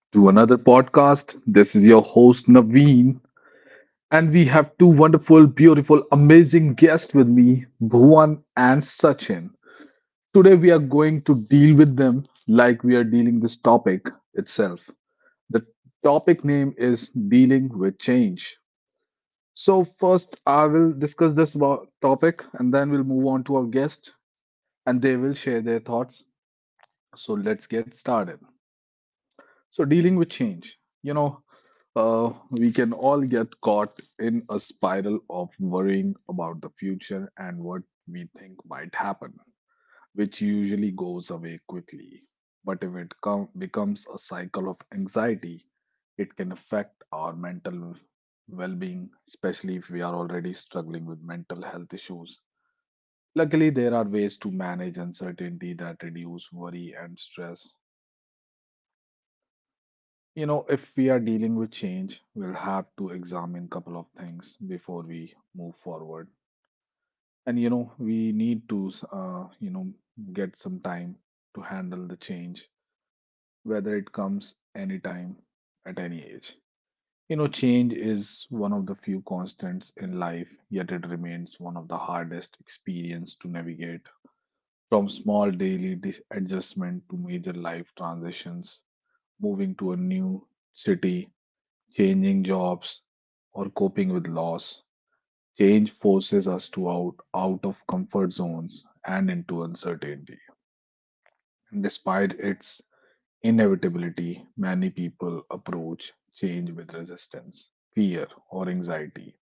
To another podcast. This is your host Naveen, and we have two wonderful, beautiful, amazing guests with me, Bhuvan and Sachin. Today we are going to deal with them like we are dealing this topic itself. The topic name is dealing with change. So first I will discuss this topic and then we'll move on to our guest and they will share their thoughts. So let's get started. So, dealing with change, we can all get caught in a spiral of worrying about the future and what we think might happen, which usually goes away quickly. But if it becomes a cycle of anxiety, it can affect our mental well being, especially if we are already struggling with mental health issues. Luckily, there are ways to manage uncertainty that reduce worry and stress. If we are dealing with change, we'll have to examine couple of things before we move forward. And you know, we need to you know, get some time to handle the change, whether it comes anytime at any age. You know, change is one of the few constants in life, yet it remains one of the hardest experience to navigate. From small daily adjustment to major life transitions, moving to a new city, changing jobs, or coping with loss. Change forces us to out of comfort zones and into uncertainty. And despite its inevitability, many people approach change with resistance, fear, or anxiety.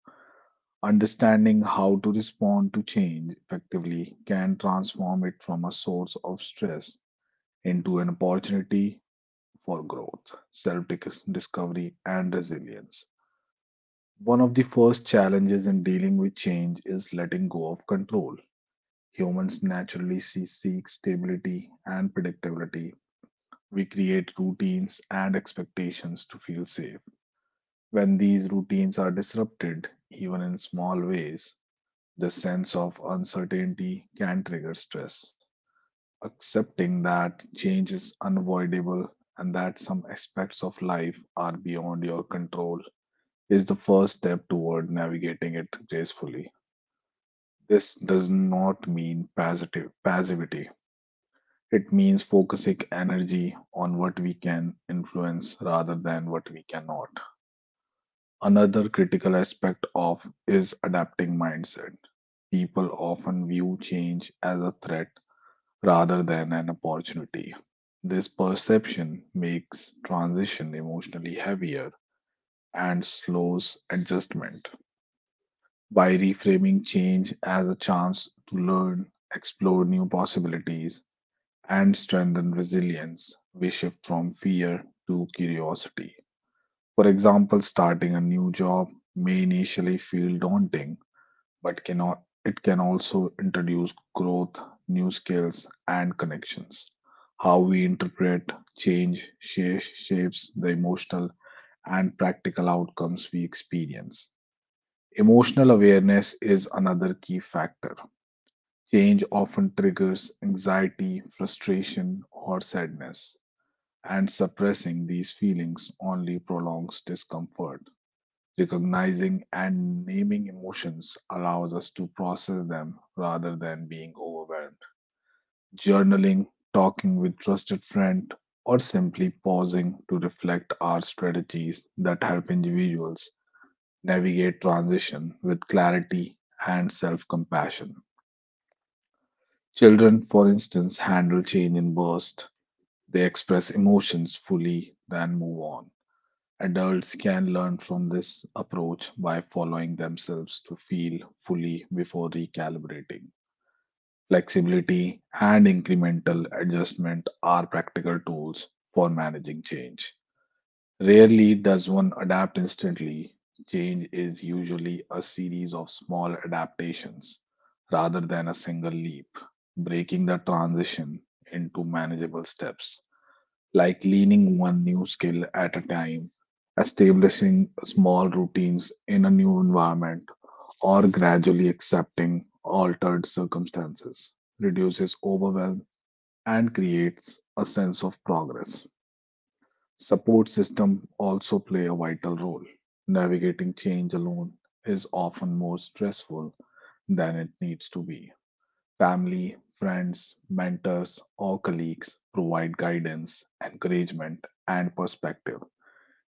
Understanding how to respond to change effectively can transform it from a source of stress into an opportunity for growth, self discovery, and resilience. One of the first challenges in dealing with change is letting go of control. Humans naturally seek stability and predictability. We create routines and expectations to feel safe. When these routines are disrupted, even in small ways, the sense of uncertainty can trigger stress. Accepting that change is unavoidable and that some aspects of life are beyond your control is the first step toward navigating it gracefully. This does not mean passive passivity. It means focusing energy on what we can influence rather than what we cannot. Another critical aspect of is adapting mindset. People often view change as a threat rather than an opportunity. This perception makes transition emotionally heavier and slows adjustment. By reframing change as a chance to learn, explore new possibilities, and strengthen resilience. We shift from fear to curiosity. For example, starting a new job may initially feel daunting, but cannot, it can also introduce growth, new skills, and connections. How we interpret change shapes the emotional and practical outcomes we experience. Emotional awareness is another key factor. Change often triggers anxiety, frustration, or sadness, and suppressing these feelings only prolongs discomfort. Recognizing and naming emotions allows us to process them rather than being overwhelmed. Journaling, talking with trusted friend, or simply pausing to reflect are strategies that help individuals navigate transition with clarity and self-compassion. Children, for instance, handle change in bursts. They express emotions fully, then move on. Adults can learn from this approach by following themselves to feel fully before recalibrating. Flexibility and incremental adjustment are practical tools for managing change. Rarely does one adapt instantly. Change is usually a series of small adaptations rather than a single leap. Breaking the transition into manageable steps, like leaning one new skill at a time, establishing small routines in a new environment, or gradually accepting altered circumstances, reduces overwhelm and creates a sense of progress. Support system also play a vital role. Navigating change alone is often more stressful than it needs to be. Family, friends, mentors, or colleagues provide guidance, encouragement, and perspective.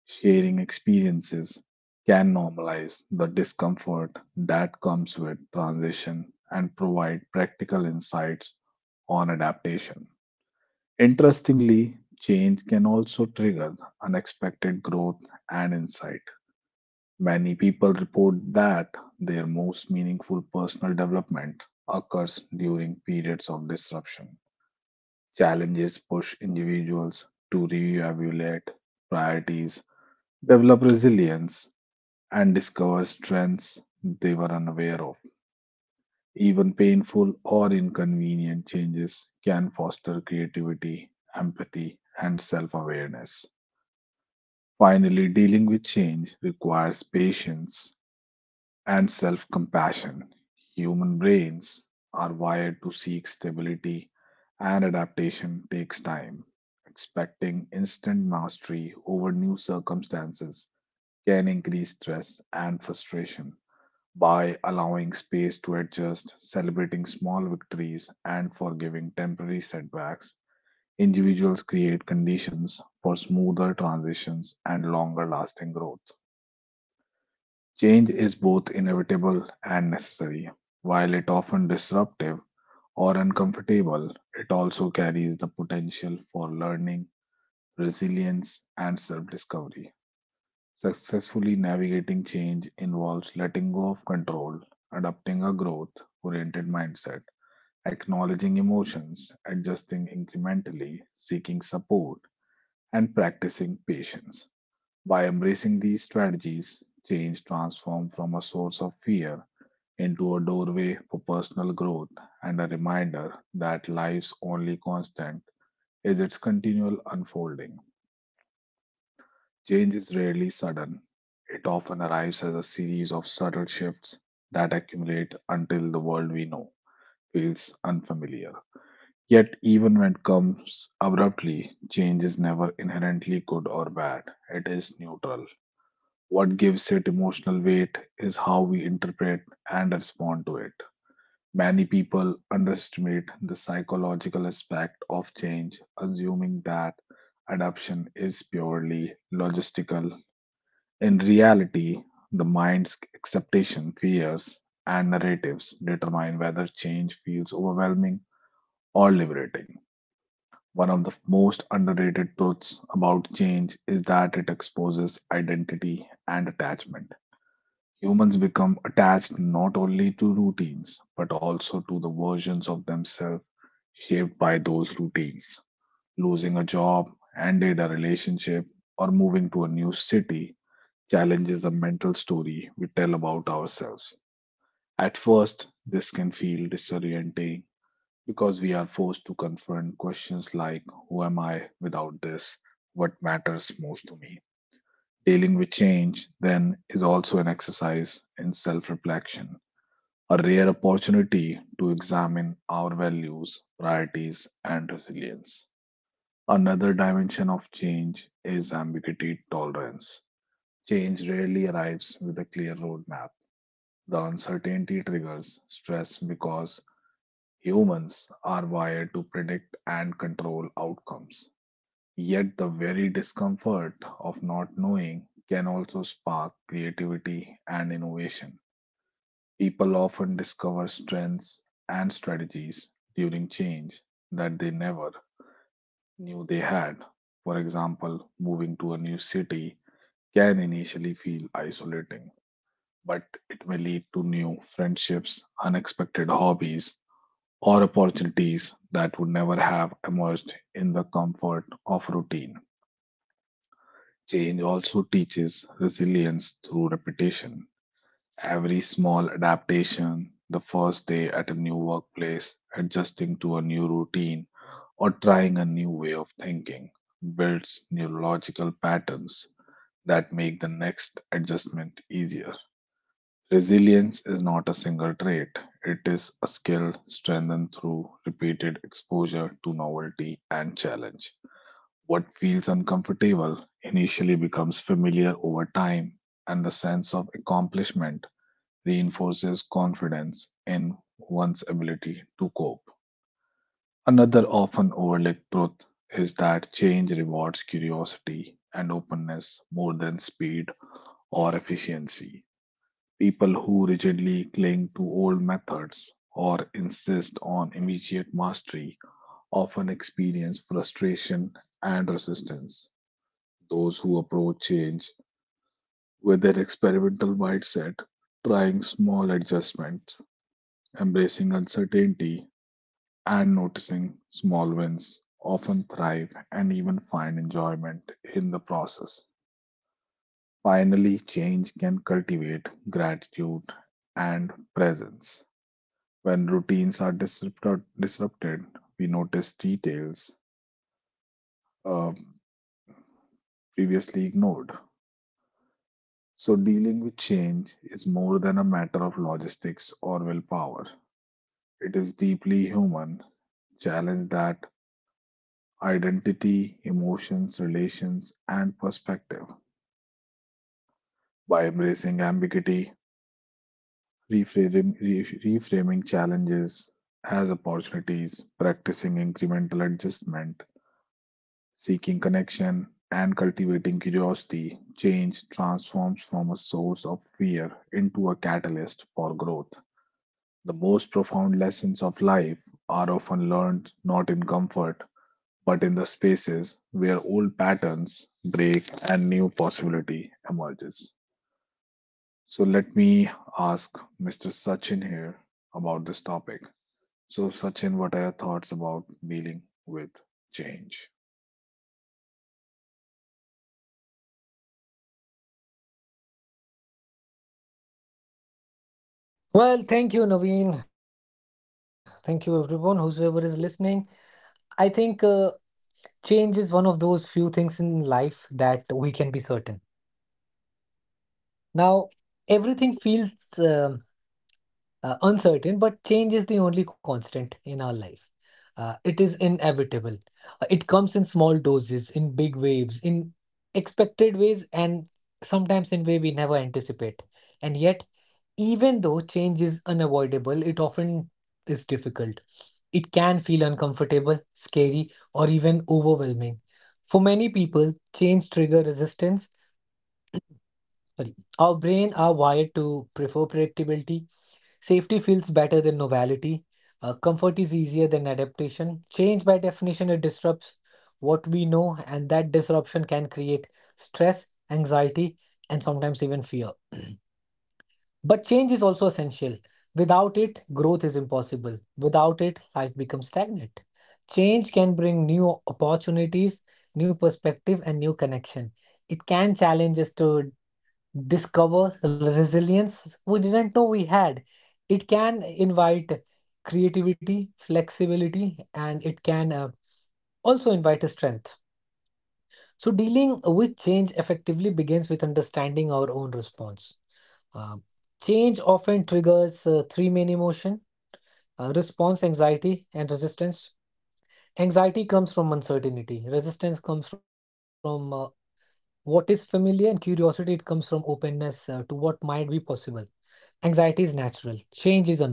Sharing experiences can normalize the discomfort that comes with transition and provide practical insights on adaptation. Interestingly, change can also trigger unexpected growth and insight. Many people report that their most meaningful personal development occurs during periods of disruption. Challenges push individuals to reevaluate priorities, develop resilience, and discover strengths they were unaware of. Even painful or inconvenient changes can foster creativity, empathy, and self awareness. Finally, dealing with change requires patience and self compassion. Human brains are wired to seek stability, and adaptation takes time. Expecting instant mastery over new circumstances can increase stress and frustration. By allowing space to adjust, celebrating small victories, and forgiving temporary setbacks, individuals create conditions for smoother transitions and longer lasting growth. Change is both inevitable and necessary. While it often disruptive or uncomfortable, it also carries the potential for learning, resilience, and self-discovery. Successfully navigating change involves letting go of control, adopting a growth-oriented mindset, acknowledging emotions, adjusting incrementally, seeking support, and practicing patience. By embracing these strategies, change transforms from a source of fear into a doorway for personal growth and a reminder that life's only constant is its continual unfolding. Change is rarely sudden, it often arrives as a series of subtle shifts that accumulate until the world we know feels unfamiliar. Yet, even when it comes abruptly, change is never inherently good or bad. It is neutral. What gives it emotional weight is how we interpret and respond to it. Many people underestimate the psychological aspect of change, assuming that adaptation is purely logistical. In reality, the mind's acceptation, fears, and narratives determine whether change feels overwhelming or liberating. One of the most underrated truths about change is that it exposes identity and attachment. Humans become attached not only to routines, but also to the versions of themselves shaped by those routines. Losing a job, ended a relationship, or moving to a new city challenges a mental story we tell about ourselves. At first, this can feel disorienting because we are forced to confront questions like, who am I without this? What matters most to me? Dealing with change, then, is also an exercise in self reflection, a rare opportunity to examine our values, priorities, and resilience. Another dimension of change is ambiguity tolerance. Change rarely arrives with a clear roadmap. The uncertainty triggers stress because humans are wired to predict and control outcomes. Yet, the very discomfort of not knowing can also spark creativity and innovation. People often discover strengths and strategies during change that they never knew they had. For example, moving to a new city can initially feel isolating, but it may lead to new friendships, unexpected hobbies, or opportunities that would never have emerged in the comfort of routine. Change also teaches resilience through repetition. Every small adaptation, the first day at a new workplace, adjusting to a new routine, or trying a new way of thinking, builds neurological patterns that make the next adjustment easier. Resilience is not a single trait, it is a skill strengthened through repeated exposure to novelty and challenge. What feels uncomfortable initially becomes familiar over time, and the sense of accomplishment reinforces confidence in one's ability to cope. Another often overlooked truth is that change rewards curiosity and openness more than speed or efficiency. People who rigidly cling to old methods or insist on immediate mastery often experience frustration and resistance. Those who approach change with their experimental mindset, trying small adjustments, embracing uncertainty, and noticing small wins often thrive and even find enjoyment in the process. Finally, change can cultivate gratitude and presence. When routines are disrupted, we notice details uh, previously ignored. So, dealing with change is more than a matter of logistics or willpower. It is deeply human challenge that identity, emotions, relations, and perspective by embracing ambiguity, reframing, reframing challenges as opportunities, practicing incremental adjustment, seeking connection, and cultivating curiosity, change transforms from a source of fear into a catalyst for growth. The most profound lessons of life are often learned not in comfort, but in the spaces where old patterns break and new possibility emerges. So let me ask Mr. Sachin here about this topic. So, Sachin, what are your thoughts about dealing with change? Well, thank you, Naveen. Thank you, everyone, whosoever is listening. I think change is one of those few things in life that we can be certain. Now, everything feels uncertain, but change is the only constant in our life. It is inevitable. It comes in small doses, in big waves, in expected ways, and sometimes in way we never anticipate. And yet, even though change is unavoidable, it often is difficult. It can feel uncomfortable, scary, or even overwhelming. For many people, change trigger resistance. Sorry, our brain are wired to prefer predictability. Safety feels better than novelty. Comfort is easier than adaptation. Change, by definition, it disrupts what we know, and that disruption can create stress, anxiety, and sometimes even fear. But change is also essential. Without it, growth is impossible. Without it, life becomes stagnant. Change can bring new opportunities, new perspective, and new connection. It can challenge us to discover the resilience we didn't know we had. It can invite creativity, flexibility, and it can also invite a strength. So, dealing with change effectively begins with understanding our own response. Uh, Change often triggers three main emotion response, anxiety, and resistance. Anxiety comes from uncertainty, resistance comes from what is familiar, and curiosity, it comes from openness to what might be possible. Anxiety is natural, change is unknown.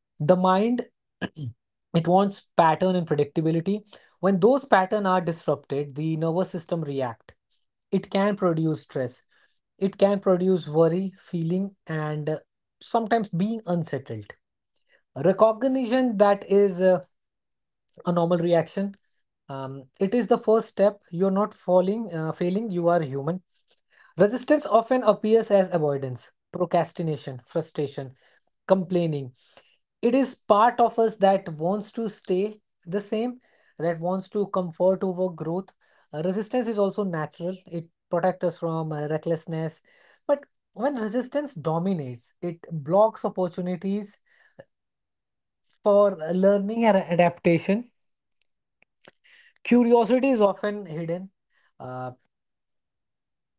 The mind, it wants pattern and predictability. When those patterns are disrupted, the nervous system react. It can produce stress. It can produce worry, feeling, and sometimes being unsettled. Recognition that is a normal reaction. It is the first step. You're not falling, failing. You are human. Resistance often appears as avoidance, procrastination, frustration, complaining. It is part of us that wants to stay the same, that wants to comfort over growth. Resistance is also natural, it protects us from recklessness. But when resistance dominates, it blocks opportunities for learning and adaptation. Curiosity is often hidden. Uh,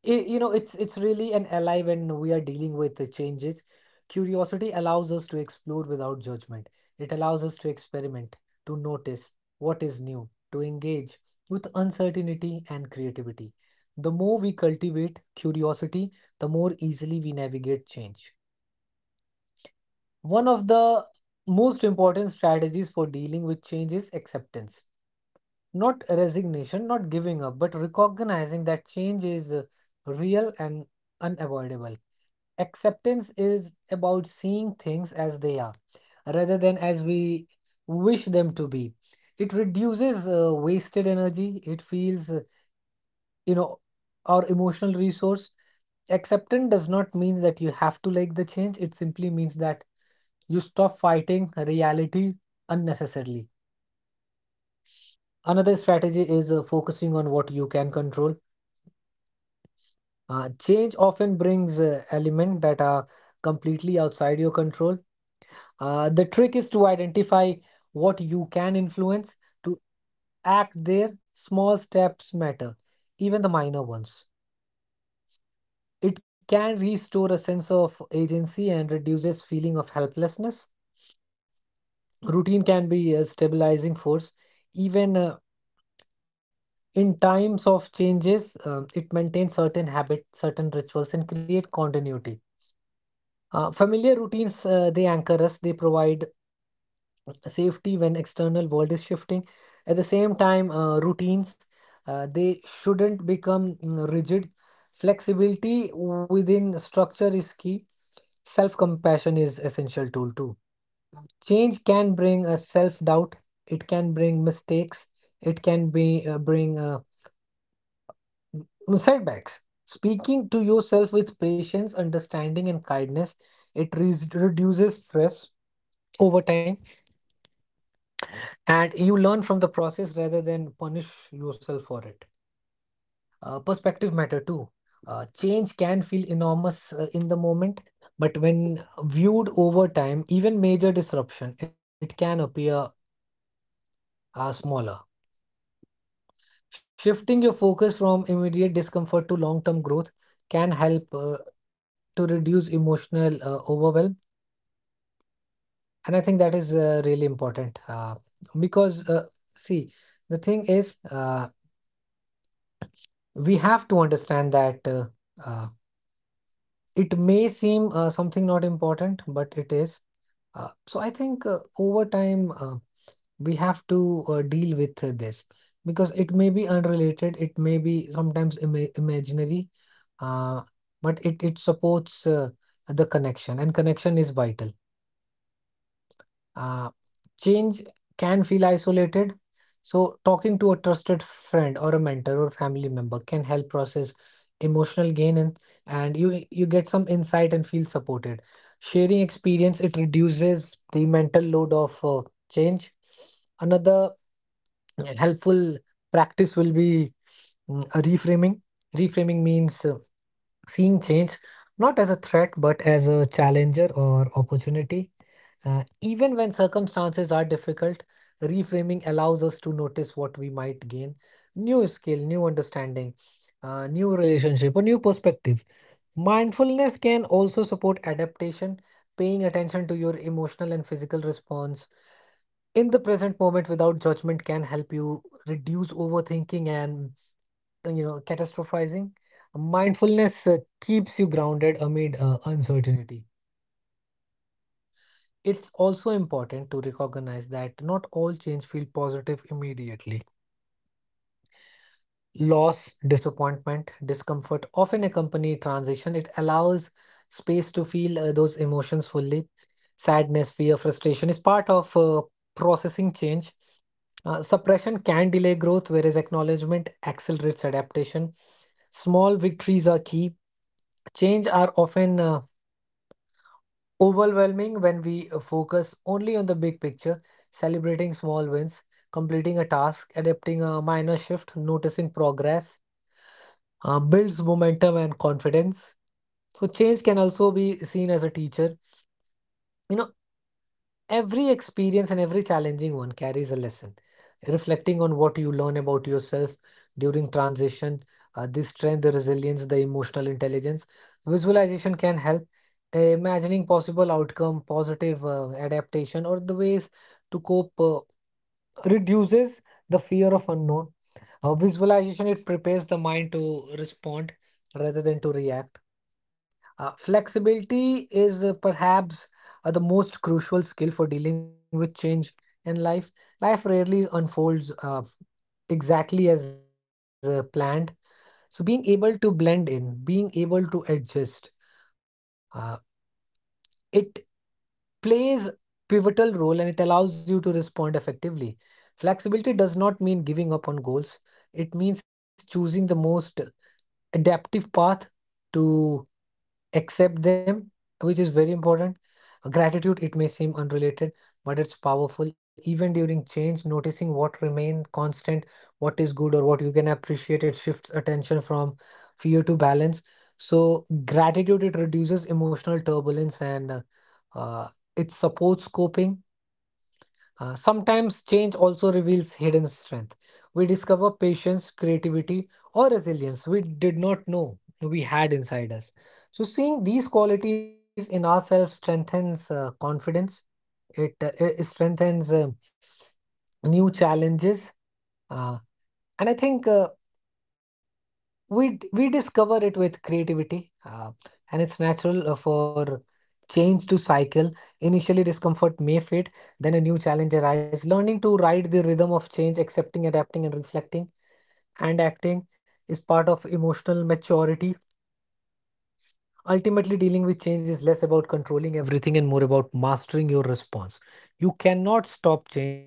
it, you know it's really an ally when we are dealing with the changes. Curiosity allows us to explore without judgment. It allows us to experiment, to notice what is new, to engage with uncertainty and creativity. The more we cultivate curiosity, the more easily we navigate change. One of the most important strategies for dealing with change is acceptance. Not resignation, not giving up, but recognizing that change is real and unavoidable. Acceptance is about seeing things as they are rather than as we wish them to be. It reduces wasted energy. It feels, you know, our emotional resource. Acceptance does not mean that you have to like the change. It simply means that you stop fighting reality unnecessarily. Another strategy is focusing on what you can control. Change often brings elements that are completely outside your control. The trick is to identify what you can influence, to act there. Small steps matter, even the minor ones. It can restore a sense of agency and reduces feeling of helplessness. Routine can be a stabilizing force. Even in times of changes, it maintains certain habits, certain rituals, and create continuity. Familiar routines, they anchor us, they provide safety when external world is shifting. At the same time, routines, they shouldn't become rigid. Flexibility within structure is key. Self-compassion is essential tool too. Change can bring a self-doubt, it can bring mistakes, it can be bring m- setbacks. Speaking to yourself with patience, understanding, and kindness, it reduces stress over time, and you learn from the process rather than punish yourself for it. Perspective matter too. Change can feel enormous in the moment, but when viewed over time, even major disruption, it can appear smaller. Shifting your focus from immediate discomfort to long term growth can help to reduce emotional overwhelm. And I think that is really important, because see, the thing is, we have to understand that, uh, it may seem something not important, but it is. So I think, over time, we have to deal with this, because it may be unrelated, it may be sometimes imaginary, uh, but it supports the connection, and connection is vital. Uh, Change can feel isolated. So, talking to a trusted friend or a mentor or family member can help process emotional gain, and you get some insight and feel supported. Sharing experience, it reduces the mental load of change. Another, yeah, helpful practice will be a reframing. Reframing means seeing change not as a threat but as a challenger or opportunity. Even when circumstances are difficult, reframing allows us to notice what we might gain: new skill, new understanding, new relationship, a new perspective. Mindfulness can also support adaptation, paying attention to your emotional and physical response in the present moment without judgment can help you reduce overthinking and catastrophizing. Mindfulness keeps you grounded amid uncertainty. It's also important to recognize that not all change feel positive immediately. Loss, disappointment, discomfort often accompany transition. It allows space to feel those emotions fully. Sadness, fear, frustration is part of processing change. Suppression can delay growth, whereas acknowledgement accelerates adaptation. Small victories are key. Change are often overwhelming when we focus only on the big picture. Celebrating small wins, completing a task, adapting a minor shift, noticing progress builds momentum and confidence. So, change can also be seen as a teacher. You know, every experience, and every challenging one, carries a lesson. Reflecting on what you learn about yourself during transition, the strength, the resilience, the emotional intelligence. Visualization can help. Imagining possible outcome, positive adaptation, or the ways to cope, reduces the fear of unknown. Visualization, it prepares the mind to respond rather than to react. Flexibility is, perhaps, the most crucial skill for dealing with change in life. Life rarely unfolds, exactly as planned. So being able to blend in, being able to adjust. uh, it plays pivotal role, and it allows you to respond effectively. Flexibility does not mean giving up on goals. It means choosing the most adaptive path to accept them, which is very important. Gratitude, it may seem unrelated, but it's powerful. Even during change, noticing what remain constant, what is good or what you can appreciate, it shifts attention from fear to balance. So gratitude, it reduces emotional turbulence, and uh, it supports coping. Sometimes change also reveals hidden strength. We discover patience, creativity, or resilience we did not know we had inside us. So, seeing these qualities in ourselves strengthens confidence, it strengthens new challenges. Uh, and I think. We discover it with creativity, and it's natural, for change to cycle. Initially discomfort may fade, then a new challenge arises. Learning to ride the rhythm of change, accepting, adapting, and reflecting, and acting, is part of emotional maturity. Ultimately, dealing with change is less about controlling everything and more about mastering your response. You cannot stop change,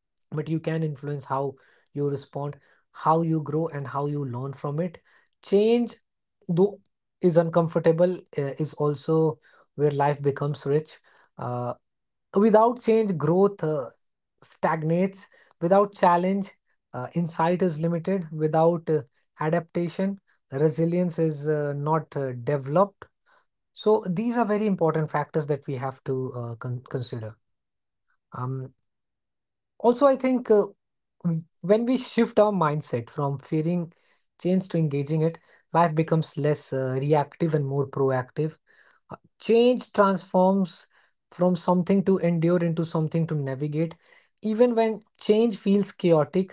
but you can influence how you respond, how you grow, and how you learn from it. Change, though, is uncomfortable, is also where life becomes rich. Uh, Without change, growth stagnates. Without challenge, insight is limited. Without adaptation, resilience is not developed. So these are very important factors that we have to consider. Um, Also, I think. Mm. When we shift our mindset from fearing change to engaging it, life becomes less reactive and more proactive. Change transforms from something to endure into something to navigate. Even when change feels chaotic,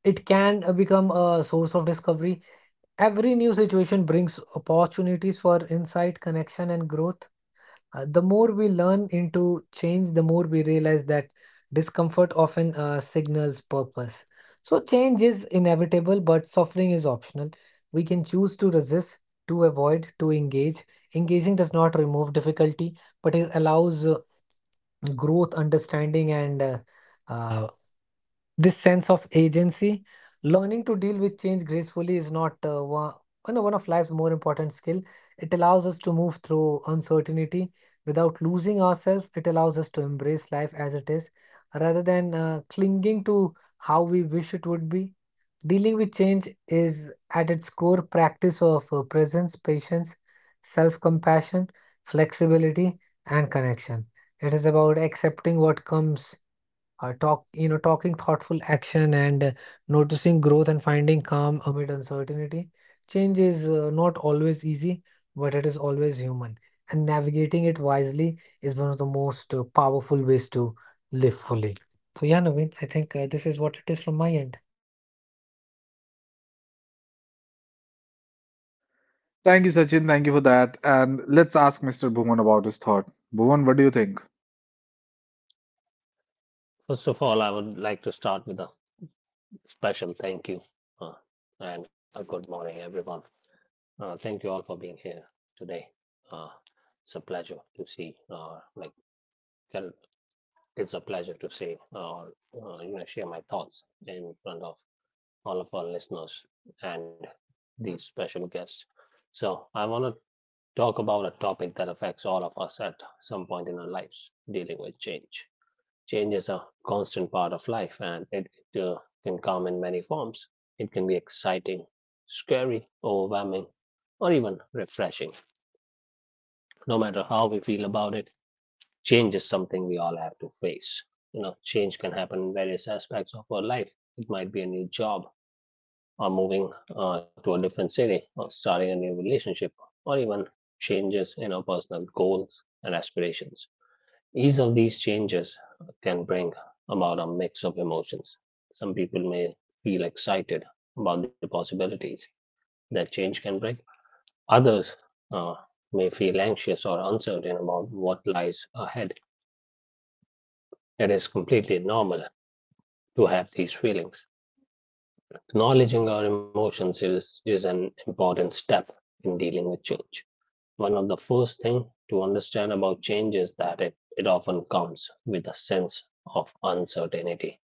it can become a source of discovery. Every new situation brings opportunities for insight, connection, and growth. The more we learn into change, the more we realize that discomfort often signals purpose. So, change is inevitable, but suffering is optional. We can choose to resist, to avoid, to engage. Engaging does not remove difficulty, but it allows growth, understanding, and uh, this sense of agency. Learning to deal with change gracefully is not one, you know, one of life's more important skill. It allows us to move through uncertainty without losing ourselves. It allows us to embrace life as it is rather than clinging to how we wish it would be. Dealing with change is at its core practice of presence, patience, self-compassion, flexibility, and connection. It is about accepting what comes, talking thoughtful action, and noticing growth and finding calm amid uncertainty. Change is not always easy, but it is always human, and navigating it wisely is one of the most powerful ways to live fully. So yeah, Naveen, I think this is what it is from my end. Thank you, Sachin. Thank you for that. And let's ask Mr. Bhuvan about his thought. Bhuvan, what do you think? First of all, I would like to start with a special thank you uh, and a good morning, everyone. Thank you all for being here today. Uh, it's a pleasure to see, uh, like, it's a pleasure to see, share my thoughts in front of all of our listeners and these special guests. So, I want to talk about a topic that affects all of us at some point in our lives dealing with change. Changes are a constant part of life and it can come in many forms. It can be exciting, scary, overwhelming, or even refreshing. No matter how we feel about it, change is something we all have to face. You know, change can happen in various aspects of our life. It might be a new job, or moving to a different city, or starting a new relationship, or even changes in our personal goals and aspirations. Each of these changes can bring about a mix of emotions. Some people may feel excited about the possibilities that change can bring, others uh, may feel anxious or uncertain about what lies ahead. It is completely normal to have these feelings. Acknowledging our emotions is an important step in dealing with change. One of the first things to understand about change is that it often comes with a sense of uncertainty.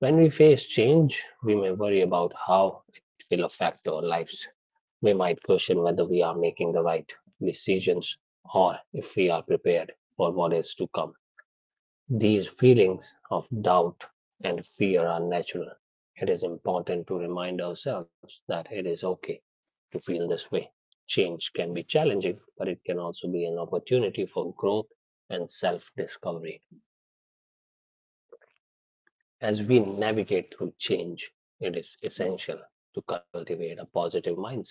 When we face change, we may worry about how it will affect our lives. We might question whether we are making the right decisions or if we are prepared for what is to come. These feelings of doubt and fear are natural. It is important to remind ourselves that it is okay to feel this way. Change can be challenging, but it can also be an opportunity for growth and self discovery. As we navigate through change, it is essential to cultivate a positive mindset.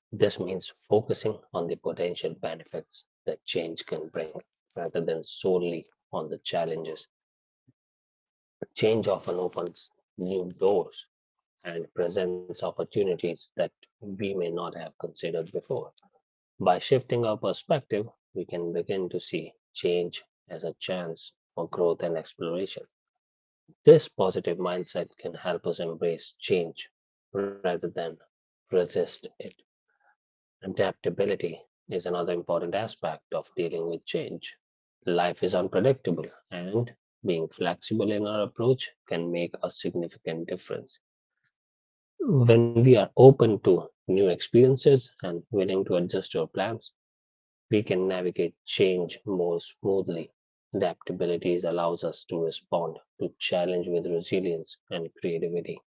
This means focusing on the potential benefits that change can bring rather than solely on the challenges. Change often opens new doors and presents opportunities that we may not have considered before. By shifting our perspective, we can begin to see change as a chance for growth and exploration. This positive mindset can help us embrace change rather than resist it. Adaptability is another important aspect of dealing with change. Life is unpredictable, and being flexible in our approach can make a significant difference. When we are open to new experiences and willing to adjust our plans, we can navigate change more smoothly. Adaptability allows us to respond to challenge with resilience and creativity.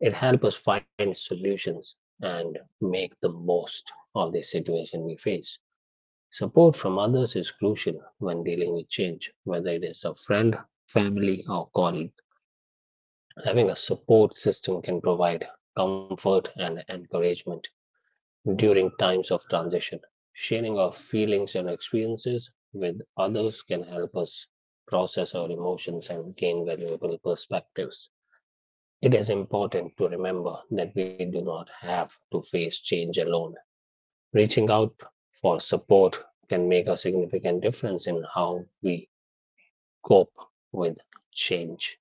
It helps us find solutions and make the most of the situation we face. Support from others is crucial when dealing with change, whether it is a friend, family, or colleague. Having a support system can provide comfort and encouragement during times of transition. Sharing our feelings and experiences with others can help us process our emotions and gain valuable perspectives. It is important to remember that we do not have to face change alone. Reaching out for support can make a significant difference in how we cope with change.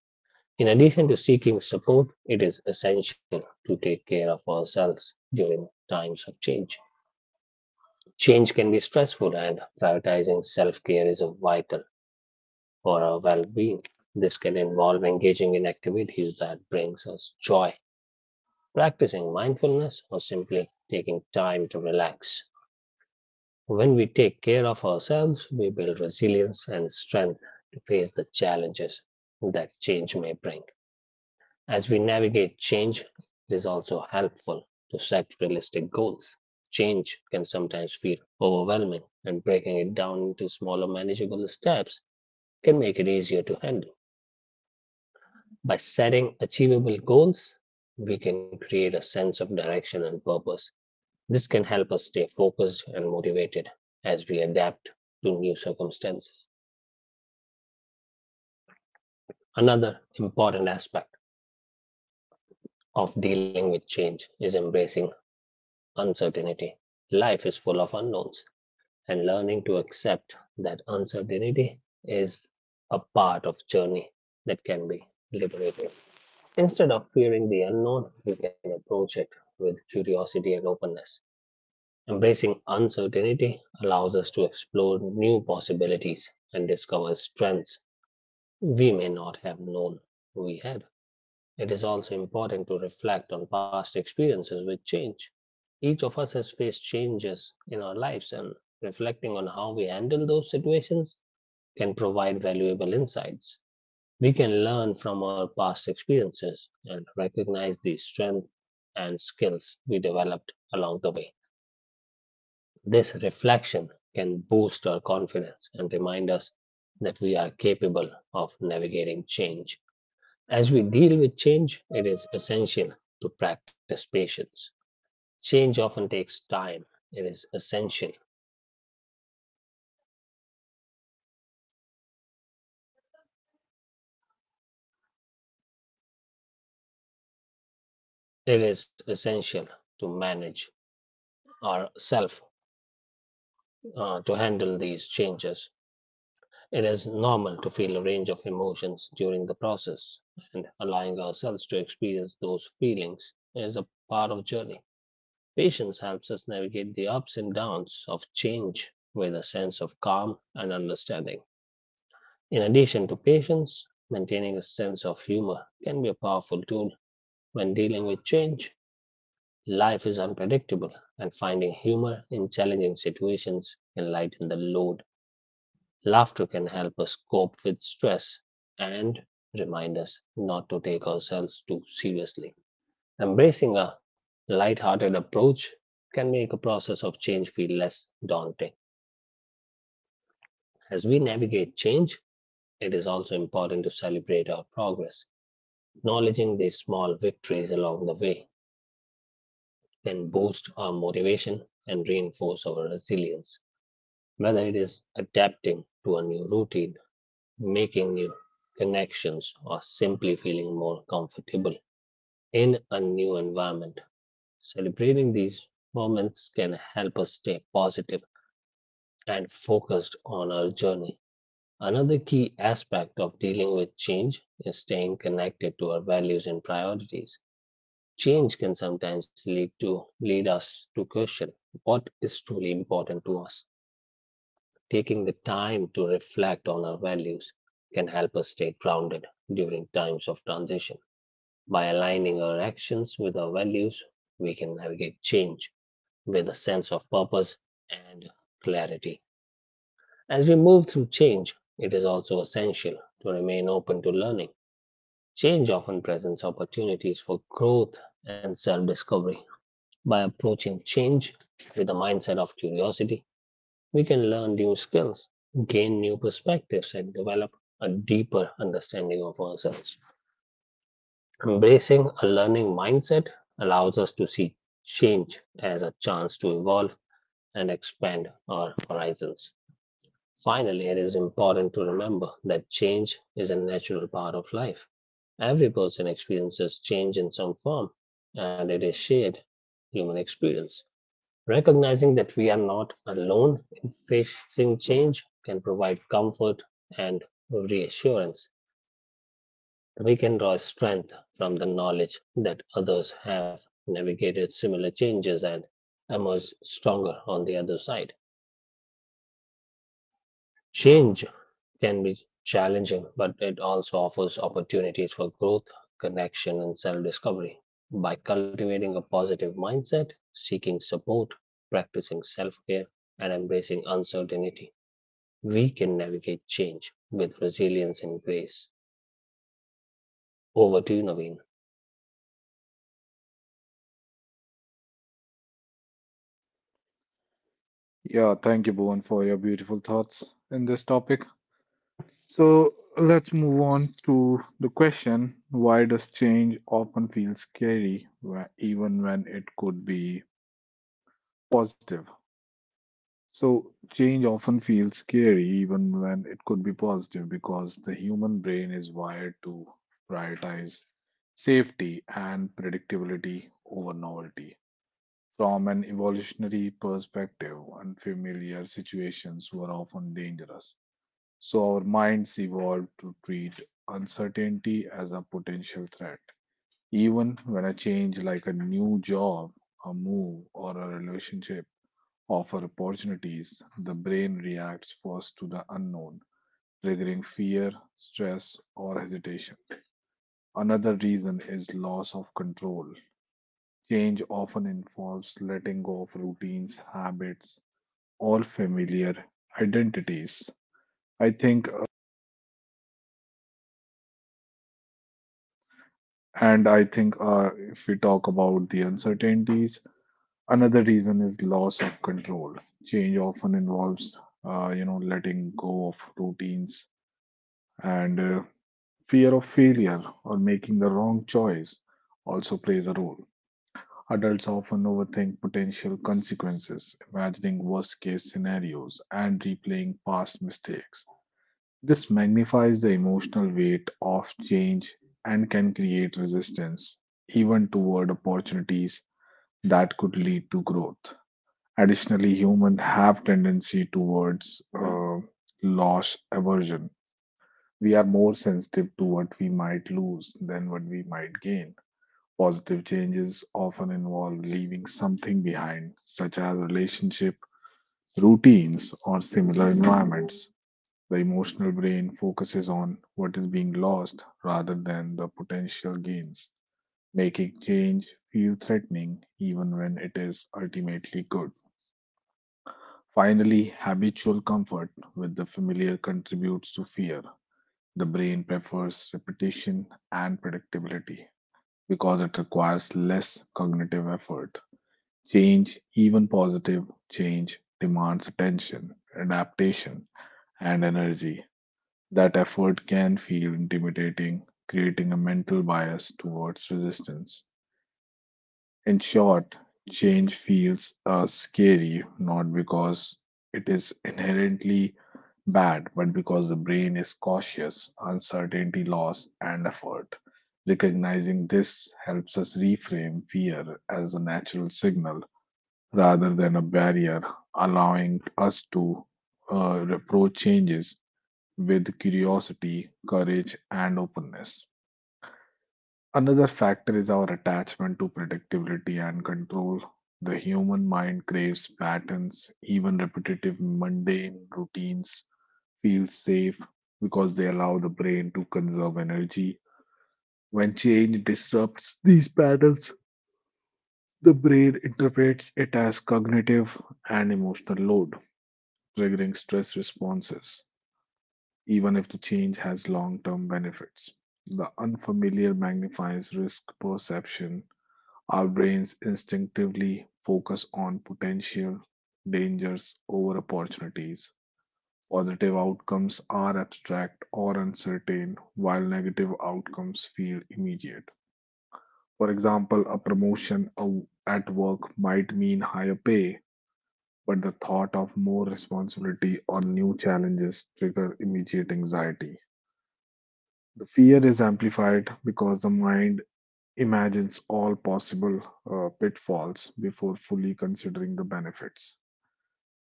In addition to seeking support, it is essential to take care of ourselves during times of change. Change can be stressful, and prioritizing self care is vital for our well being. This can involve engaging in activities that brings us joy, practicing mindfulness or simply taking time to relax. When we take care of ourselves, we build resilience and strength to face the challenges that change may bring. As we navigate change, it is also helpful to set realistic goals. Change can sometimes feel overwhelming, and breaking it down into smaller, manageable steps can make it easier to handle. By setting achievable goals, we can create a sense of direction and purpose. This can help us stay focused and motivated as we adapt to new circumstances. Another important aspect of dealing with change is embracing uncertainty. Life is full of unknowns, and learning to accept that uncertainty is a part of journey that can be liberating. Instead of fearing the unknown, we can approach it with curiosity and openness. Embracing uncertainty allows us to explore new possibilities and discover strengths we may not have known we had. It is also important to reflect on past experiences with change. Each of us has faced changes in our lives, and reflecting on how we handle those situations can provide valuable insights. We can learn from our past experiences and recognize the strengths and skills we developed along the way. This reflection can boost our confidence and remind us that we are capable of navigating change. As we deal with change, it is essential to practice patience. Change often takes time. It is essential. It is essential to manage ourselves to handle these changes. It is normal to feel a range of emotions during the process, and allowing ourselves to experience those feelings is a part of the journey. Patience helps us navigate the ups and downs of change with a sense of calm and understanding. In addition to patience, maintaining a sense of humor can be a powerful tool when dealing with change. Life is unpredictable, and finding humor in challenging situations can lighten the load. Laughter can help us cope with stress and remind us not to take ourselves too seriously. Embracing a light-hearted approach can make a process of change feel less daunting. As we navigate change, it is also important to celebrate our progress. Acknowledging these small victories along the way can boost our motivation and reinforce our resilience. Whether it is adapting to a new routine, making new connections, or simply feeling more comfortable in a new environment, celebrating these moments can help us stay positive and focused on our journey. Another key aspect of dealing with change is staying connected to our values and priorities. Change can sometimes lead us to question what is truly important to us. Taking the time to reflect on our values can help us stay grounded during times of transition. By aligning our actions with our values, we can navigate change with a sense of purpose and clarity. As we move through change, it is also essential to remain open to learning. Change often presents opportunities for growth and self discovery. By approaching change with the mindset of curiosity, we can learn new skills, gain new perspectives, and develop a deeper understanding of ourselves. Embracing a learning mindset allows us to see change as a chance to evolve and expand our horizons. Finally, it is important to remember that change is a natural part of life. Every person experiences change in some form, and it is shared human experience. Recognizing that we are not alone in facing change can provide comfort and reassurance. We can draw strength from the knowledge that others have navigated similar changes and emerge stronger on the other side. Change can be challenging, but it also offers opportunities for growth, connection, and self discovery. By cultivating a positive mindset, seeking support, practicing self care, and embracing uncertainty, we can navigate change with resilience and grace. Over to you, Naveen. Yeah, thank you, Bhuvan, for your beautiful thoughts in this topic. So let's move on to the question, why does change often feel scary, even when it could be positive? So, change often feels scary even when it could be positive because the human brain is wired to prioritize safety and predictability over novelty. From an evolutionary perspective, unfamiliar situations were often dangerous. So, our minds evolved to treat uncertainty as a potential threat. Even when a change like a new job, a move, or a relationship offer opportunities, the brain reacts first to the unknown, triggering fear, stress, or hesitation. Another reason is loss of control. Change often involves letting go of routines, habits, or familiar identities. I think, and I think If we talk about the uncertainties, another reason is loss of control. Change often involves, letting go of routines and fear of failure or making the wrong choice also plays a role. Adults often overthink potential consequences, imagining worst case scenarios and replaying past mistakes. This magnifies the emotional weight of change and can create resistance, even toward opportunities that could lead to growth. Additionally, humans have tendency towards loss aversion. We are more sensitive to what we might lose than what we might gain. Positive changes often involve leaving something behind, such as relationship, routines, or similar environments. The emotional brain focuses on what is being lost rather than the potential gains, making change feel threatening even when it is ultimately good. Finally, habitual comfort with familiar contributes to fear. The brain prefers repetition and predictability because it requires less cognitive effort. Change, even positive change, demands attention, adaptation, and energy. That effort can feel intimidating, creating a mental bias towards resistance. In short, change feels scary not because it is inherently bad, but because the brain is cautious, uncertainty, loss, and effort. Recognizing this helps us reframe fear as a natural signal rather than a barrier, allowing us to approach changes with curiosity, courage, and openness. Another factor is our attachment to predictability and control. The human mind craves patterns, even repetitive, mundane routines feel safe because they allow the brain to conserve energy. When change disrupts these patterns, the brain interprets it as cognitive and emotional load, triggering stress responses, even if the change has long term benefits. The unfamiliar magnifies risk perception. Our brains instinctively focus on potential dangers over opportunities. Positive outcomes are abstract or uncertain, while negative outcomes feel immediate. For example, a promotion at work might mean higher pay, but the thought of more responsibility or new challenges trigger immediate anxiety. The fear is amplified because the mind imagines all possible pitfalls before fully considering the benefits.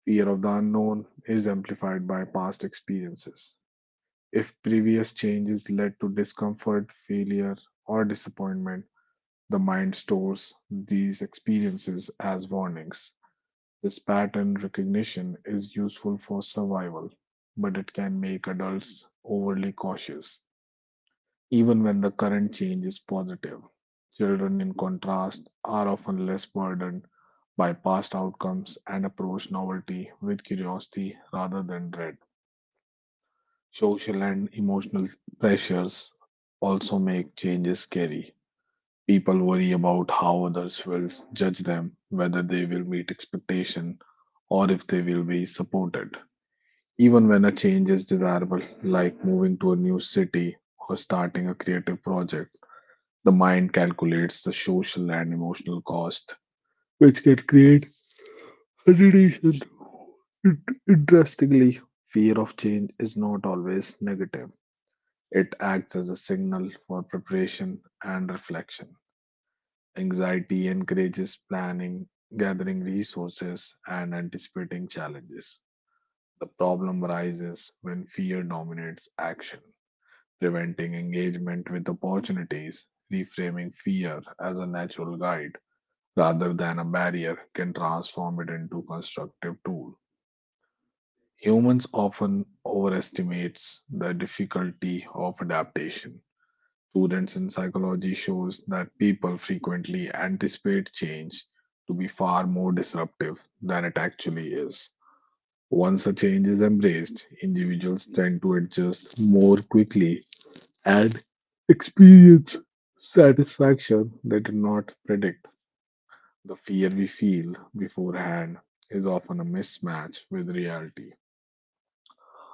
Fear of the unknown is amplified by past experiences. If previous changes led to discomfort, failure, or disappointment, the mind stores these experiences as warnings. This pattern recognition is useful for survival, but it can make adults overly cautious even when the current change is positive. Children, in contrast, are often less burdened by past outcomes and approach novelty with curiosity rather than dread. Social and emotional pressures also make changes scary. People worry about how others will judge them, whether they will meet expectation, or if they will be supported. Even when a change is desirable, like moving to a new city or starting a creative project, the mind calculates the social and emotional cost, which can create hesitation. In- Interestingly, fear of change is not always negative. It acts as a signal for preparation and reflection. Anxiety encourages planning, gathering resources, and anticipating challenges. The problem arises when fear dominates action, preventing engagement with opportunities, reframing fear as a natural guide rather than a barrier can transform it into a constructive tool. Humans often overestimates the difficulty of adaptation. Students in psychology shows that people frequently anticipate change to be far more disruptive than it actually is. Once a change is embraced, individuals tend to adjust more quickly and experience satisfaction they did not predict. The fear we feel beforehand is often a mismatch with reality,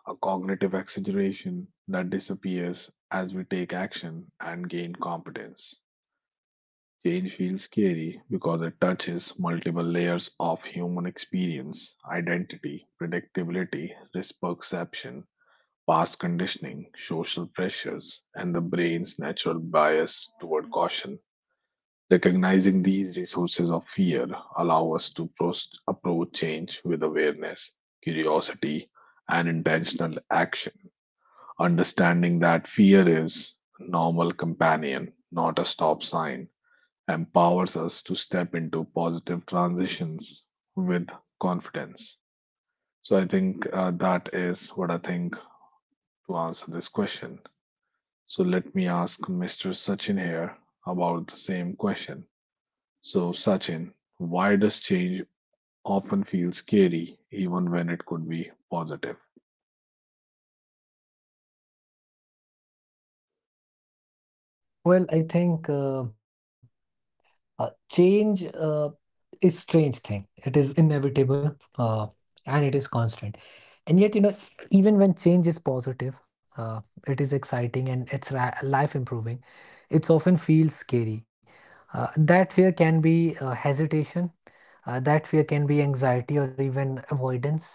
a cognitive exaggeration that disappears as we take action and gain competence. Change feels scary because it touches multiple layers of human experience, identity, predictability, risk perception, past conditioning, social pressures, and the brain's natural bias toward caution. Recognizing these resources of fear allow us to approach change with awareness, curiosity, and intentional action, understanding that fear is a normal companion, not a stop sign, empowers us to step into positive transitions with confidence. So I think that is what I think to answer this question. So let me ask Mr. Sachin here about the same question. So, Sachin, why does change often feel scary even when it could be positive? Well, I think change is strange thing. It is inevitable, and it is constant. And yet, you know, even when change is positive, it is exciting and life improving, it often feels scary. That fear can be hesitation, that fear can be anxiety or even avoidance.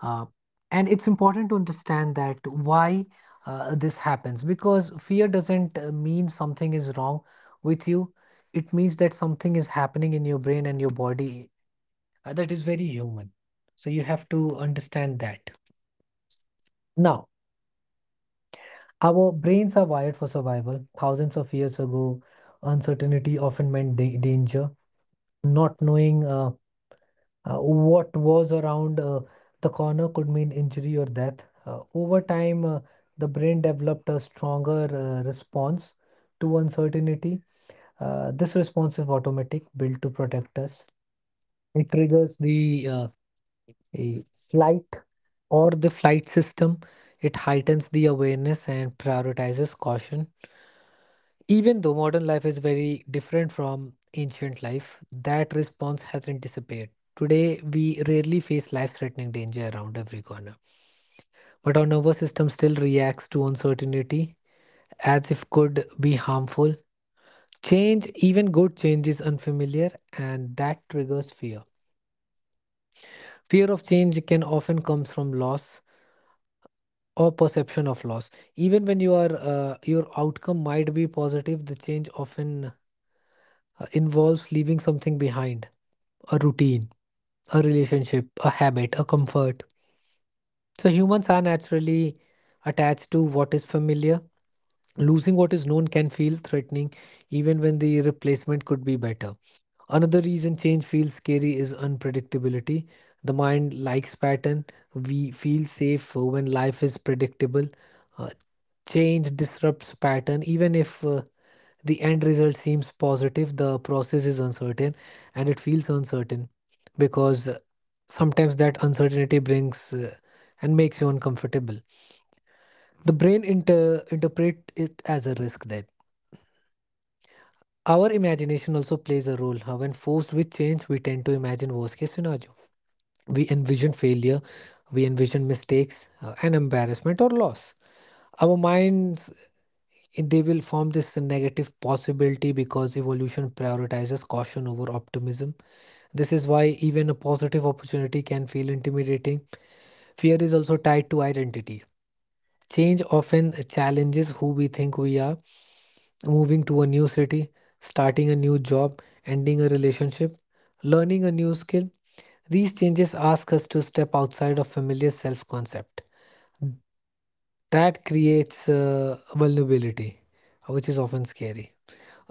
Uh, and it's important to understand that why this happens, because fear doesn't mean something is wrong with you. It means that something is happening in your brain and your body that is very human. So you have to understand that. Now, our brains are wired for survival. Thousands of years ago, uncertainty often meant danger. Not knowing what was around the corner could mean injury or death. Over time, the brain developed a stronger response to uncertainty. This response is automatic, built to protect us. It triggers the a flight or the flight system. It heightens the awareness and prioritizes caution. Even though modern life is very different from ancient life, that response hasn't disappeared. Today, we rarely face life threatening danger around every corner, but our nervous system still reacts to uncertainty as if could be harmful. Change, even good change, is unfamiliar, and that triggers fear. Fear of change can often comes from loss or perception of loss. Even when your outcome might be positive, the change often involves leaving something behind, a routine, a relationship, a habit, a comfort. So humans are naturally attached to what is familiar. Losing what is known can feel threatening even when the replacement could be better. Another reason change feels scary is unpredictability. The mind likes pattern. We feel safe when life is predictable. Uh, Change disrupts pattern. Even if the end result seems positive, the process is uncertain, and it feels uncertain because sometimes that uncertainty brings and makes you uncomfortable. The brain interpret it as a risk then. Our imagination also plays a role. How when forced with change, we tend to imagine worst case scenario. We envision failure, we envision mistakes and embarrassment or loss. Our minds, they will form this negative possibility because evolution prioritizes caution over optimism. This is why even a positive opportunity can feel intimidating. Fear is also tied to identity. Change often challenges who we think we are. Moving to a new city, starting a new job, ending a relationship, learning a new skill. These changes ask us to step outside of familiar self concept. That creates vulnerability, which is often scary.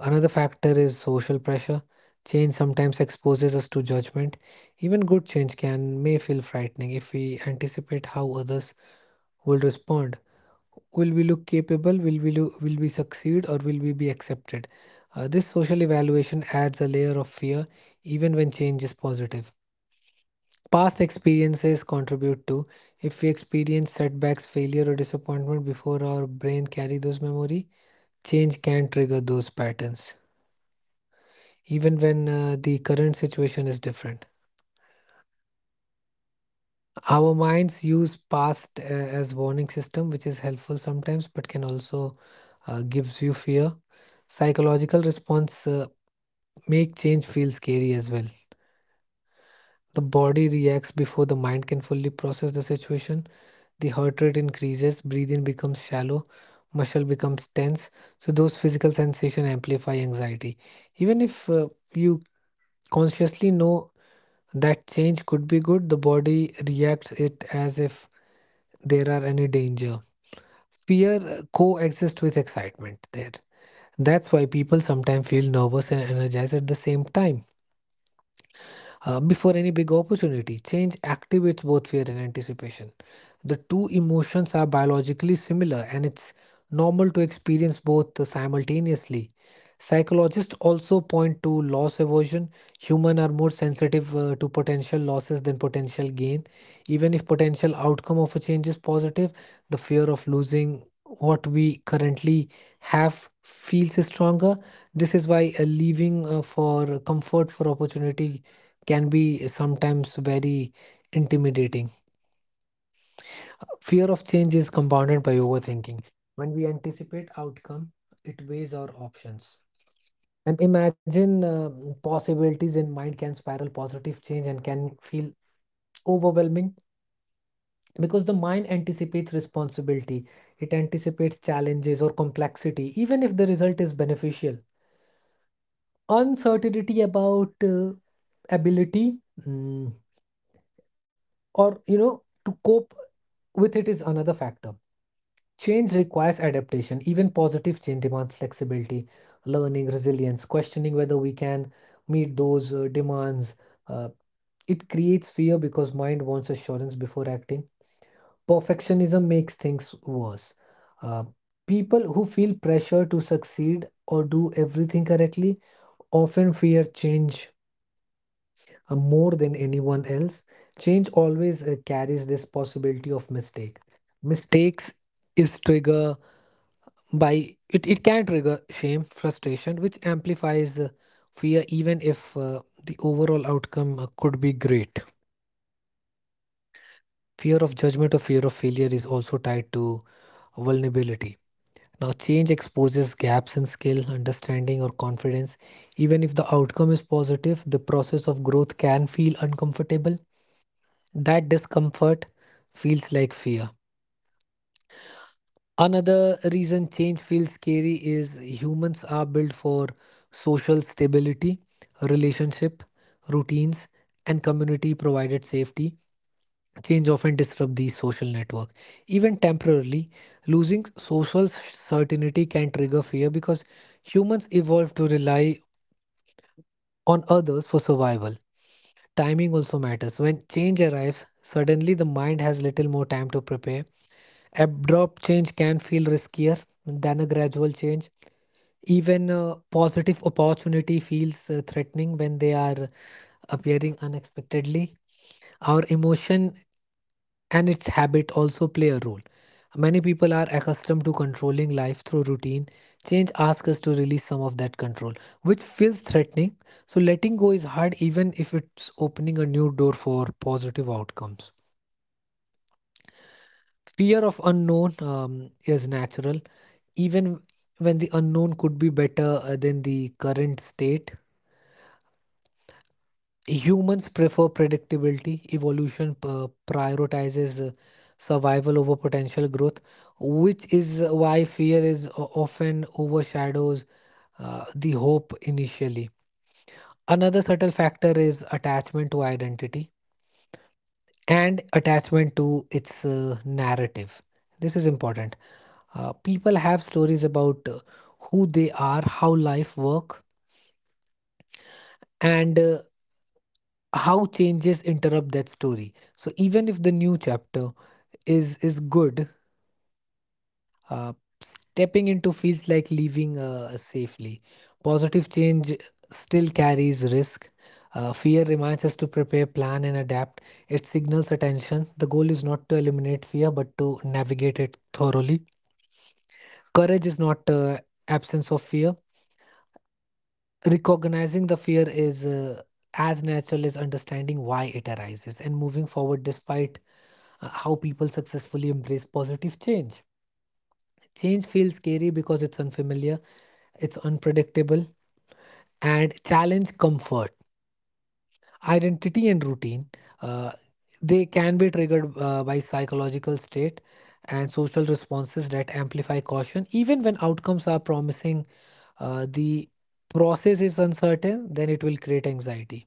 Another factor is social pressure. Change sometimes exposes us to judgment. Even good change can may feel frightening if we anticipate how others will respond. Will we look capable? Will will we succeed, or will we be accepted? This social evaluation adds a layer of fear even when change is positive. Past experiences contribute too. If we experience setbacks, failure or disappointment before, our brain carry those memory, change can trigger those patterns even when the current situation is different. Our minds use past as warning system, which is helpful sometimes, but can also gives you fear. Psychological response make change feel scary as well. The body reacts before the mind can fully process the situation. The heart rate increases, breathing becomes shallow, muscle becomes tense. So those physical sensation amplify anxiety. Even if you consciously know that change could be good, the body reacts it as if there are any danger. Fear coexists with excitement there. That's why people sometimes feel nervous and energized at the same time. Before any big opportunity, change activates both fear and anticipation. The two emotions are biologically similar, and it's normal to experience both simultaneously. Psychologists also point to loss aversion. Humans are more sensitive to potential losses than potential gain. Even if potential outcome of a change is positive, the fear of losing what we currently have feels stronger. This is why leaving for comfort for opportunity can be sometimes very intimidating. Fear of change is compounded by overthinking. When we anticipate outcome, it weighs our options. And imagine possibilities in mind can spiral positive change and can feel overwhelming because the mind anticipates responsibility, it anticipates challenges or complexity, even if the result is beneficial. Uncertainty about ability, mm, or you know to cope with it is another factor. Change requires adaptation. Even positive change demands flexibility, learning, resilience, questioning whether we can meet those demands. Uh, it creates fear because mind wants assurance before acting. Perfectionism makes things worse. Uh, People who feel pressure to succeed or do everything correctly often fear change more than anyone else. Change always carries this possibility of mistake. Mistakes is trigger by it, it can trigger shame frustration which amplifies fear even if the overall outcome could be great. Fear of judgment or fear of failure is also tied to vulnerability. Now change exposes gaps in skill understanding or confidence. Even if the outcome is positive, the process of growth can feel uncomfortable. That discomfort feels like fear. Another reason change feels scary is humans are built for social stability, relationship, routines, and community provided safety. Change often disrupts these social network. Even temporarily, losing social certainty can trigger fear because humans evolved to rely on others for survival. Timing also matters. When change arrives, suddenly the mind has little more time to prepare. Abrupt change can feel riskier than a gradual change. Even a positive opportunity feels threatening when they are appearing unexpectedly. Our emotion and its habit also play a role. Many people are accustomed to controlling life through routine. Change asks us to release some of that control, which feels threatening. So, letting go is hard even if it's opening a new door for positive outcomes. Fear of unknown is natural, even when the unknown could be better than the current state. Humans prefer predictability. Evolution prioritizes survival over potential growth, which is why fear is often overshadows the hope initially. Another subtle factor is attachment to identity and attachment to its narrative. This is important. People have stories about who they are, how life work, and how changes interrupt that story. So even if the new chapter is good. Uh, Stepping into feels like leaving safely. Positive change still carries risk. Fear reminds us to prepare, plan, and adapt. It signals attention. The goal is not to eliminate fear, but to navigate it thoroughly. Courage is not absence of fear. Recognizing the fear is as natural as understanding why it arises and moving forward despite how people successfully embrace positive change. Change feels scary because it's unfamiliar, it's unpredictable, and challenge comfort. Identity and routine, uh, they can be triggered by psychological state and social responses that amplify caution. Even when outcomes are promising, the process is uncertain, then it will create anxiety.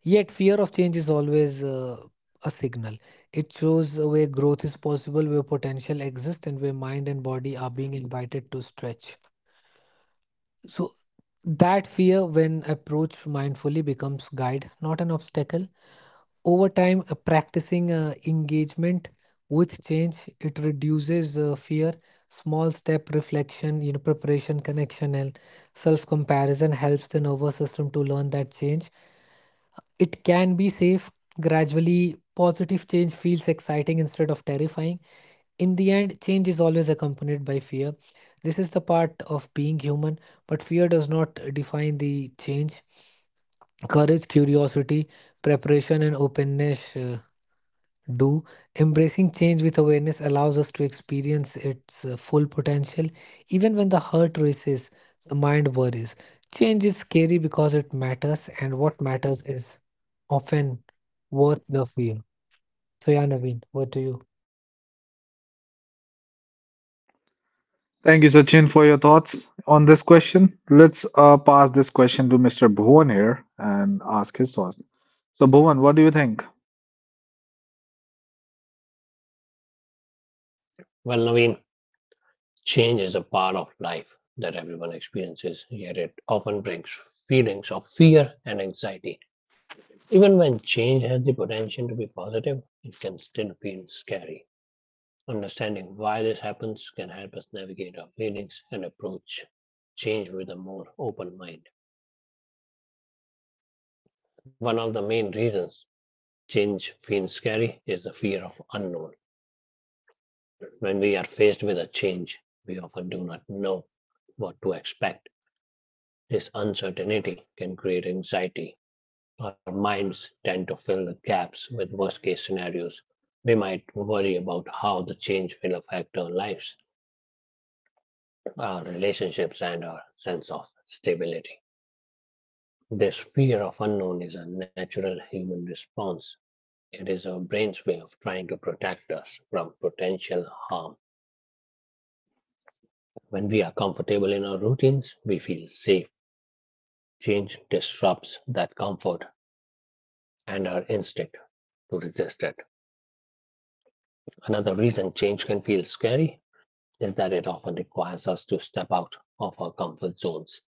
Yet, fear of change is always a signal. It shows where growth is possible, where potential exists, and where mind and body are being invited to stretch. So that fear when approached mindfully becomes guide, not an obstacle. Over time, practicing engagement with change, it reduces fear. Small step reflection, you know, preparation, connection, and self-comparison helps the nervous system to learn that change. It can be safe. Gradually, positive change feels exciting instead of terrifying. In the end, change is always accompanied by fear. This is the part of being human, but fear does not define the change. Courage, curiosity, preparation, and openness do. Embracing change with awareness allows us to experience its full potential, even when the heart races, the mind worries. Change is scary because it matters, and what matters is often worth the fear. So, yeah, Naveen, what do you? Thank you for your thoughts on this question. Let's pass this question to Mr. Bhuvan here and ask his thoughts. So, Bhuvan, what do you think? Well, Naveen, change is a part of life that everyone experiences, yet it often brings feelings of fear and anxiety. Even when change has the potential to be positive, it can still feel scary. Understanding why this happens can help us navigate our feelings and approach change with a more open mind. One of the main reasons change feels scary is the fear of unknown. When we are faced with a change, we often do not know what to expect. This uncertainty can create anxiety. Our minds tend to fill the gaps with worst case scenarios. We might worry about how the change will affect our lives, our relationships, and our sense of stability. This fear of unknown is a natural human response. It is our brain's way of trying to protect us from potential harm. When we are comfortable in our routines, we feel safe. Change disrupts that comfort and our instinct to resist it. Another reason change can feel scary is that it often requires us to step out of our comfort zones.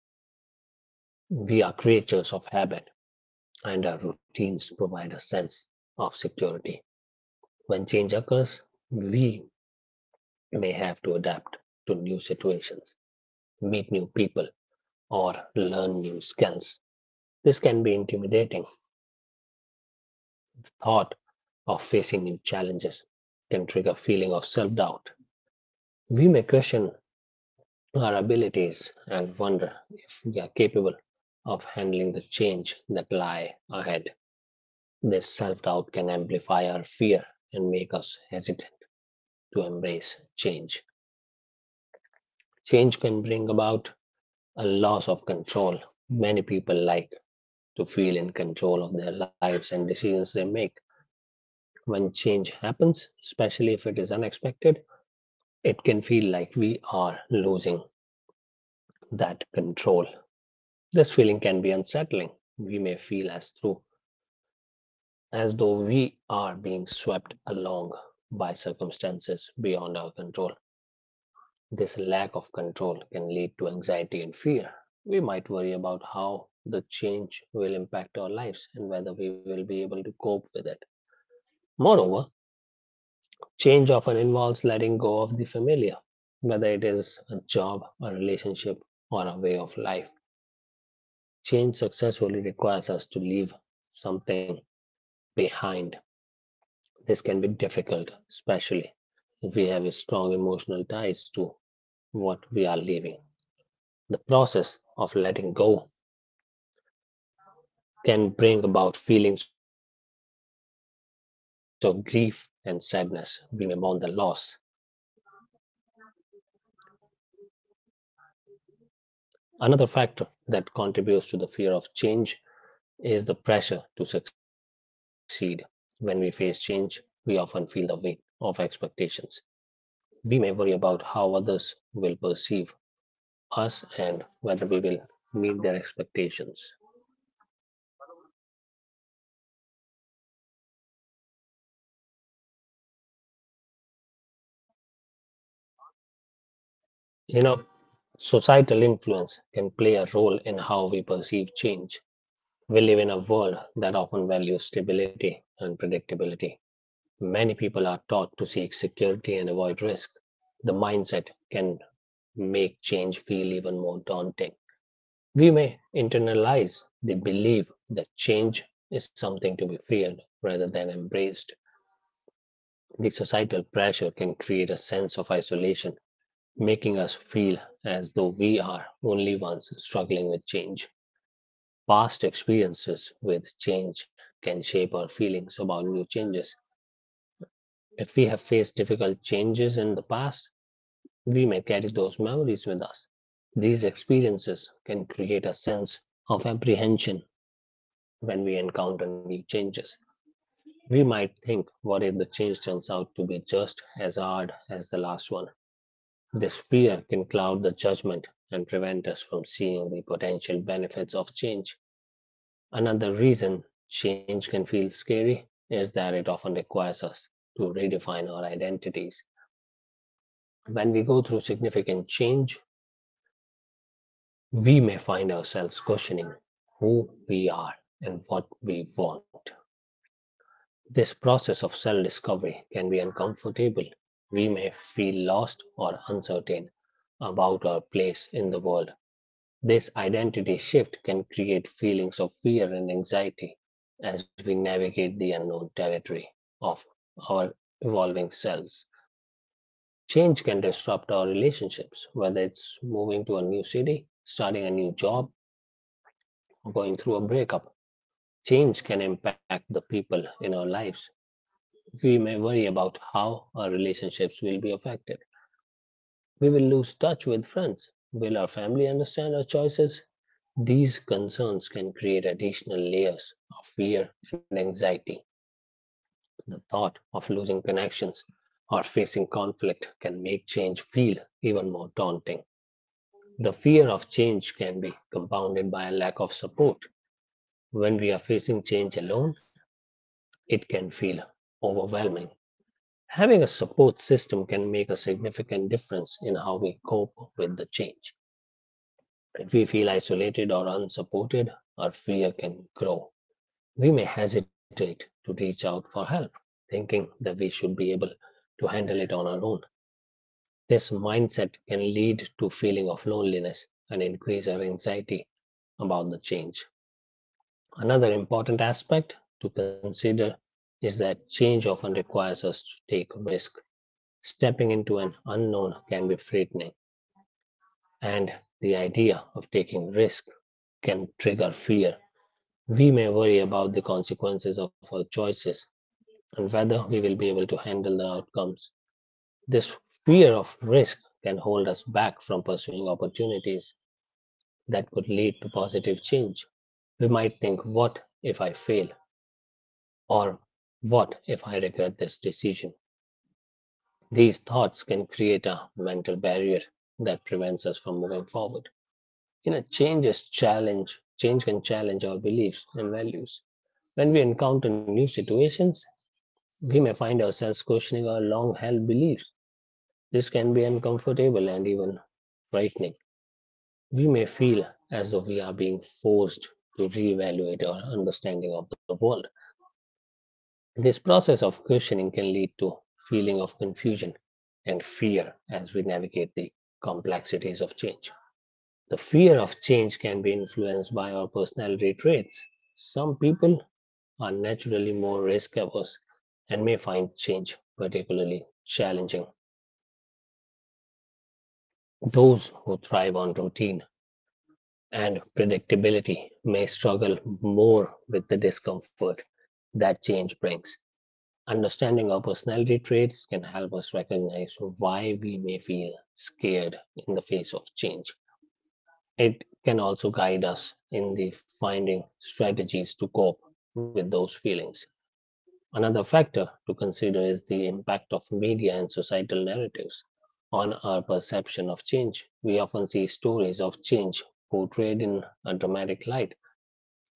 We are creatures of habit, and our routines provide a sense of security. When change occurs, we may have to adapt to new situations, meet new people, or learn new skills. This can be intimidating. Thought of facing new challenges can trigger a feeling of self-doubt. We may question our abilities and wonder if we are capable of handling the change that lie ahead. This self doubt can amplify our fear and make us hesitant to embrace change. Change can bring about a loss of control. Many people like to feel in control of their lives and decisions they make. When change happens, especially if it is unexpected, it can feel like we are losing that control. This feeling can be unsettling. We may feel as though we are being swept along by circumstances beyond our control. This lack of control can lead to anxiety and fear. We might worry about how the change will impact our lives and whether we will be able to cope with it. Moreover, change often involves letting go of the familiar, whether it is a job, a relationship, or a way of life. Change successfully requires us to leave something behind. This can be difficult, especially if we have strong emotional ties to what we are leaving. The process of letting go can bring about feelings of grief and sadness. We may mourn the loss. Another factor that contributes to the fear of change is the pressure to succeed. When we face change, we often feel the weight of expectations. We may worry about how others will perceive us and whether we will meet their expectations. You know, Societal influence can play a role in how we perceive change. We live in a world that often values stability and predictability. Many people are taught to seek security and avoid risk. The mindset can make change feel even more daunting. We may internalize the belief that change is something to be feared rather than embraced. The societal pressure can create a sense of isolation, making us feel as though we are only ones struggling with change. Past experiences with change can shape our feelings about new changes. If we have faced difficult changes in the past, we may carry those memories with us. These experiences can create a sense of apprehension when we encounter new changes. We might think, what if the change turns out to be just as hard as the last one? This fear can cloud the judgment and prevent us from seeing the potential benefits of change. Another reason change can feel scary is that it often requires us to redefine our identities. When we go through significant change, we may find ourselves questioning who we are and what we want. This process of self discovery can be uncomfortable. We may feel lost or uncertain about our place in the world. This identity shift can create feelings of fear and anxiety as we navigate the unknown territory of our evolving selves. Change can disrupt our relationships, whether it's moving to a new city, starting a new job, or going through a breakup. Change can impact the people in our lives. We may worry about how our relationships will be affected. We will lose touch with friends. Will our family understand our choices? These concerns can create additional layers of fear and anxiety. The thought of losing connections or facing conflict can make change feel even more daunting. The fear of change can be compounded by a lack of support. When we are facing change alone, it can feel overwhelming. Having a support system can make a significant difference in how we cope with the change. If we feel isolated or unsupported, our fear can grow. We may hesitate to reach out for help, thinking that we should be able to handle it on our own. This mindset can lead to a feeling of loneliness and increase our anxiety about the change. Another important aspect to consider is that change often requires us to take risk. Stepping into an unknown can be frightening, and the idea of taking risk can trigger fear. We may worry about the consequences of our choices and whether we will be able to handle the outcomes. This fear of risk can hold us back from pursuing opportunities that could lead to positive change. We might think, what if I fail? Or what if I regret this decision? These thoughts can create a mental barrier that prevents us from moving forward. Change is challenge. Change can challenge our beliefs and values. When we encounter new situations, we may find ourselves questioning our long held beliefs. This can be uncomfortable and even frightening. We may feel as though we are being forced to reevaluate our understanding of the world. This process of questioning can lead to feeling of confusion and fear as we navigate the complexities of change. The fear of change can be influenced by our personality traits. Some people are naturally more risk averse and may find change particularly challenging. Those who thrive on routine and predictability may struggle more with the discomfort that change brings. Understanding our personality traits can help us recognize why we may feel scared in the face of change. It can also guide us in the finding strategies to cope with those feelings. Another factor to consider is the impact of media and societal narratives on our perception of change. We often see stories of change portrayed in a dramatic light,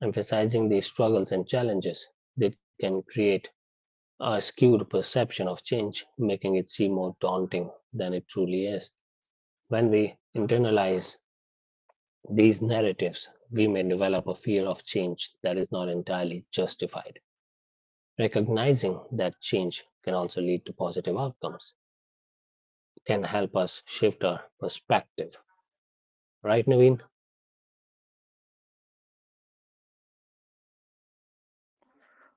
emphasizing the struggles and challenges that can create a skewed perception of change, making it seem more daunting than it truly is. When we internalize these narratives, we may develop a fear of change that is not entirely justified. Recognizing that change can also lead to positive outcomes can help us shift our perspective. Right, Naveen?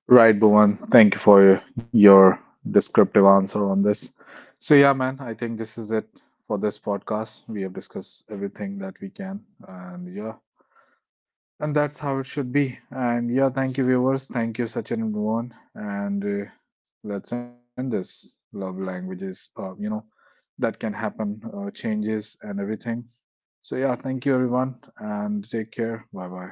Right, Bhuvan. Thank you for your descriptive answer on this. So, yeah, man, I think this is it for this podcast. We have discussed everything that we can, and yeah, and that's how it should be. And yeah, thank you, viewers. Thank you, Sachin and Bhuvan. And let's end this love languages, that can happen, changes, and everything. So, yeah, thank you, everyone, and take care. Bye bye.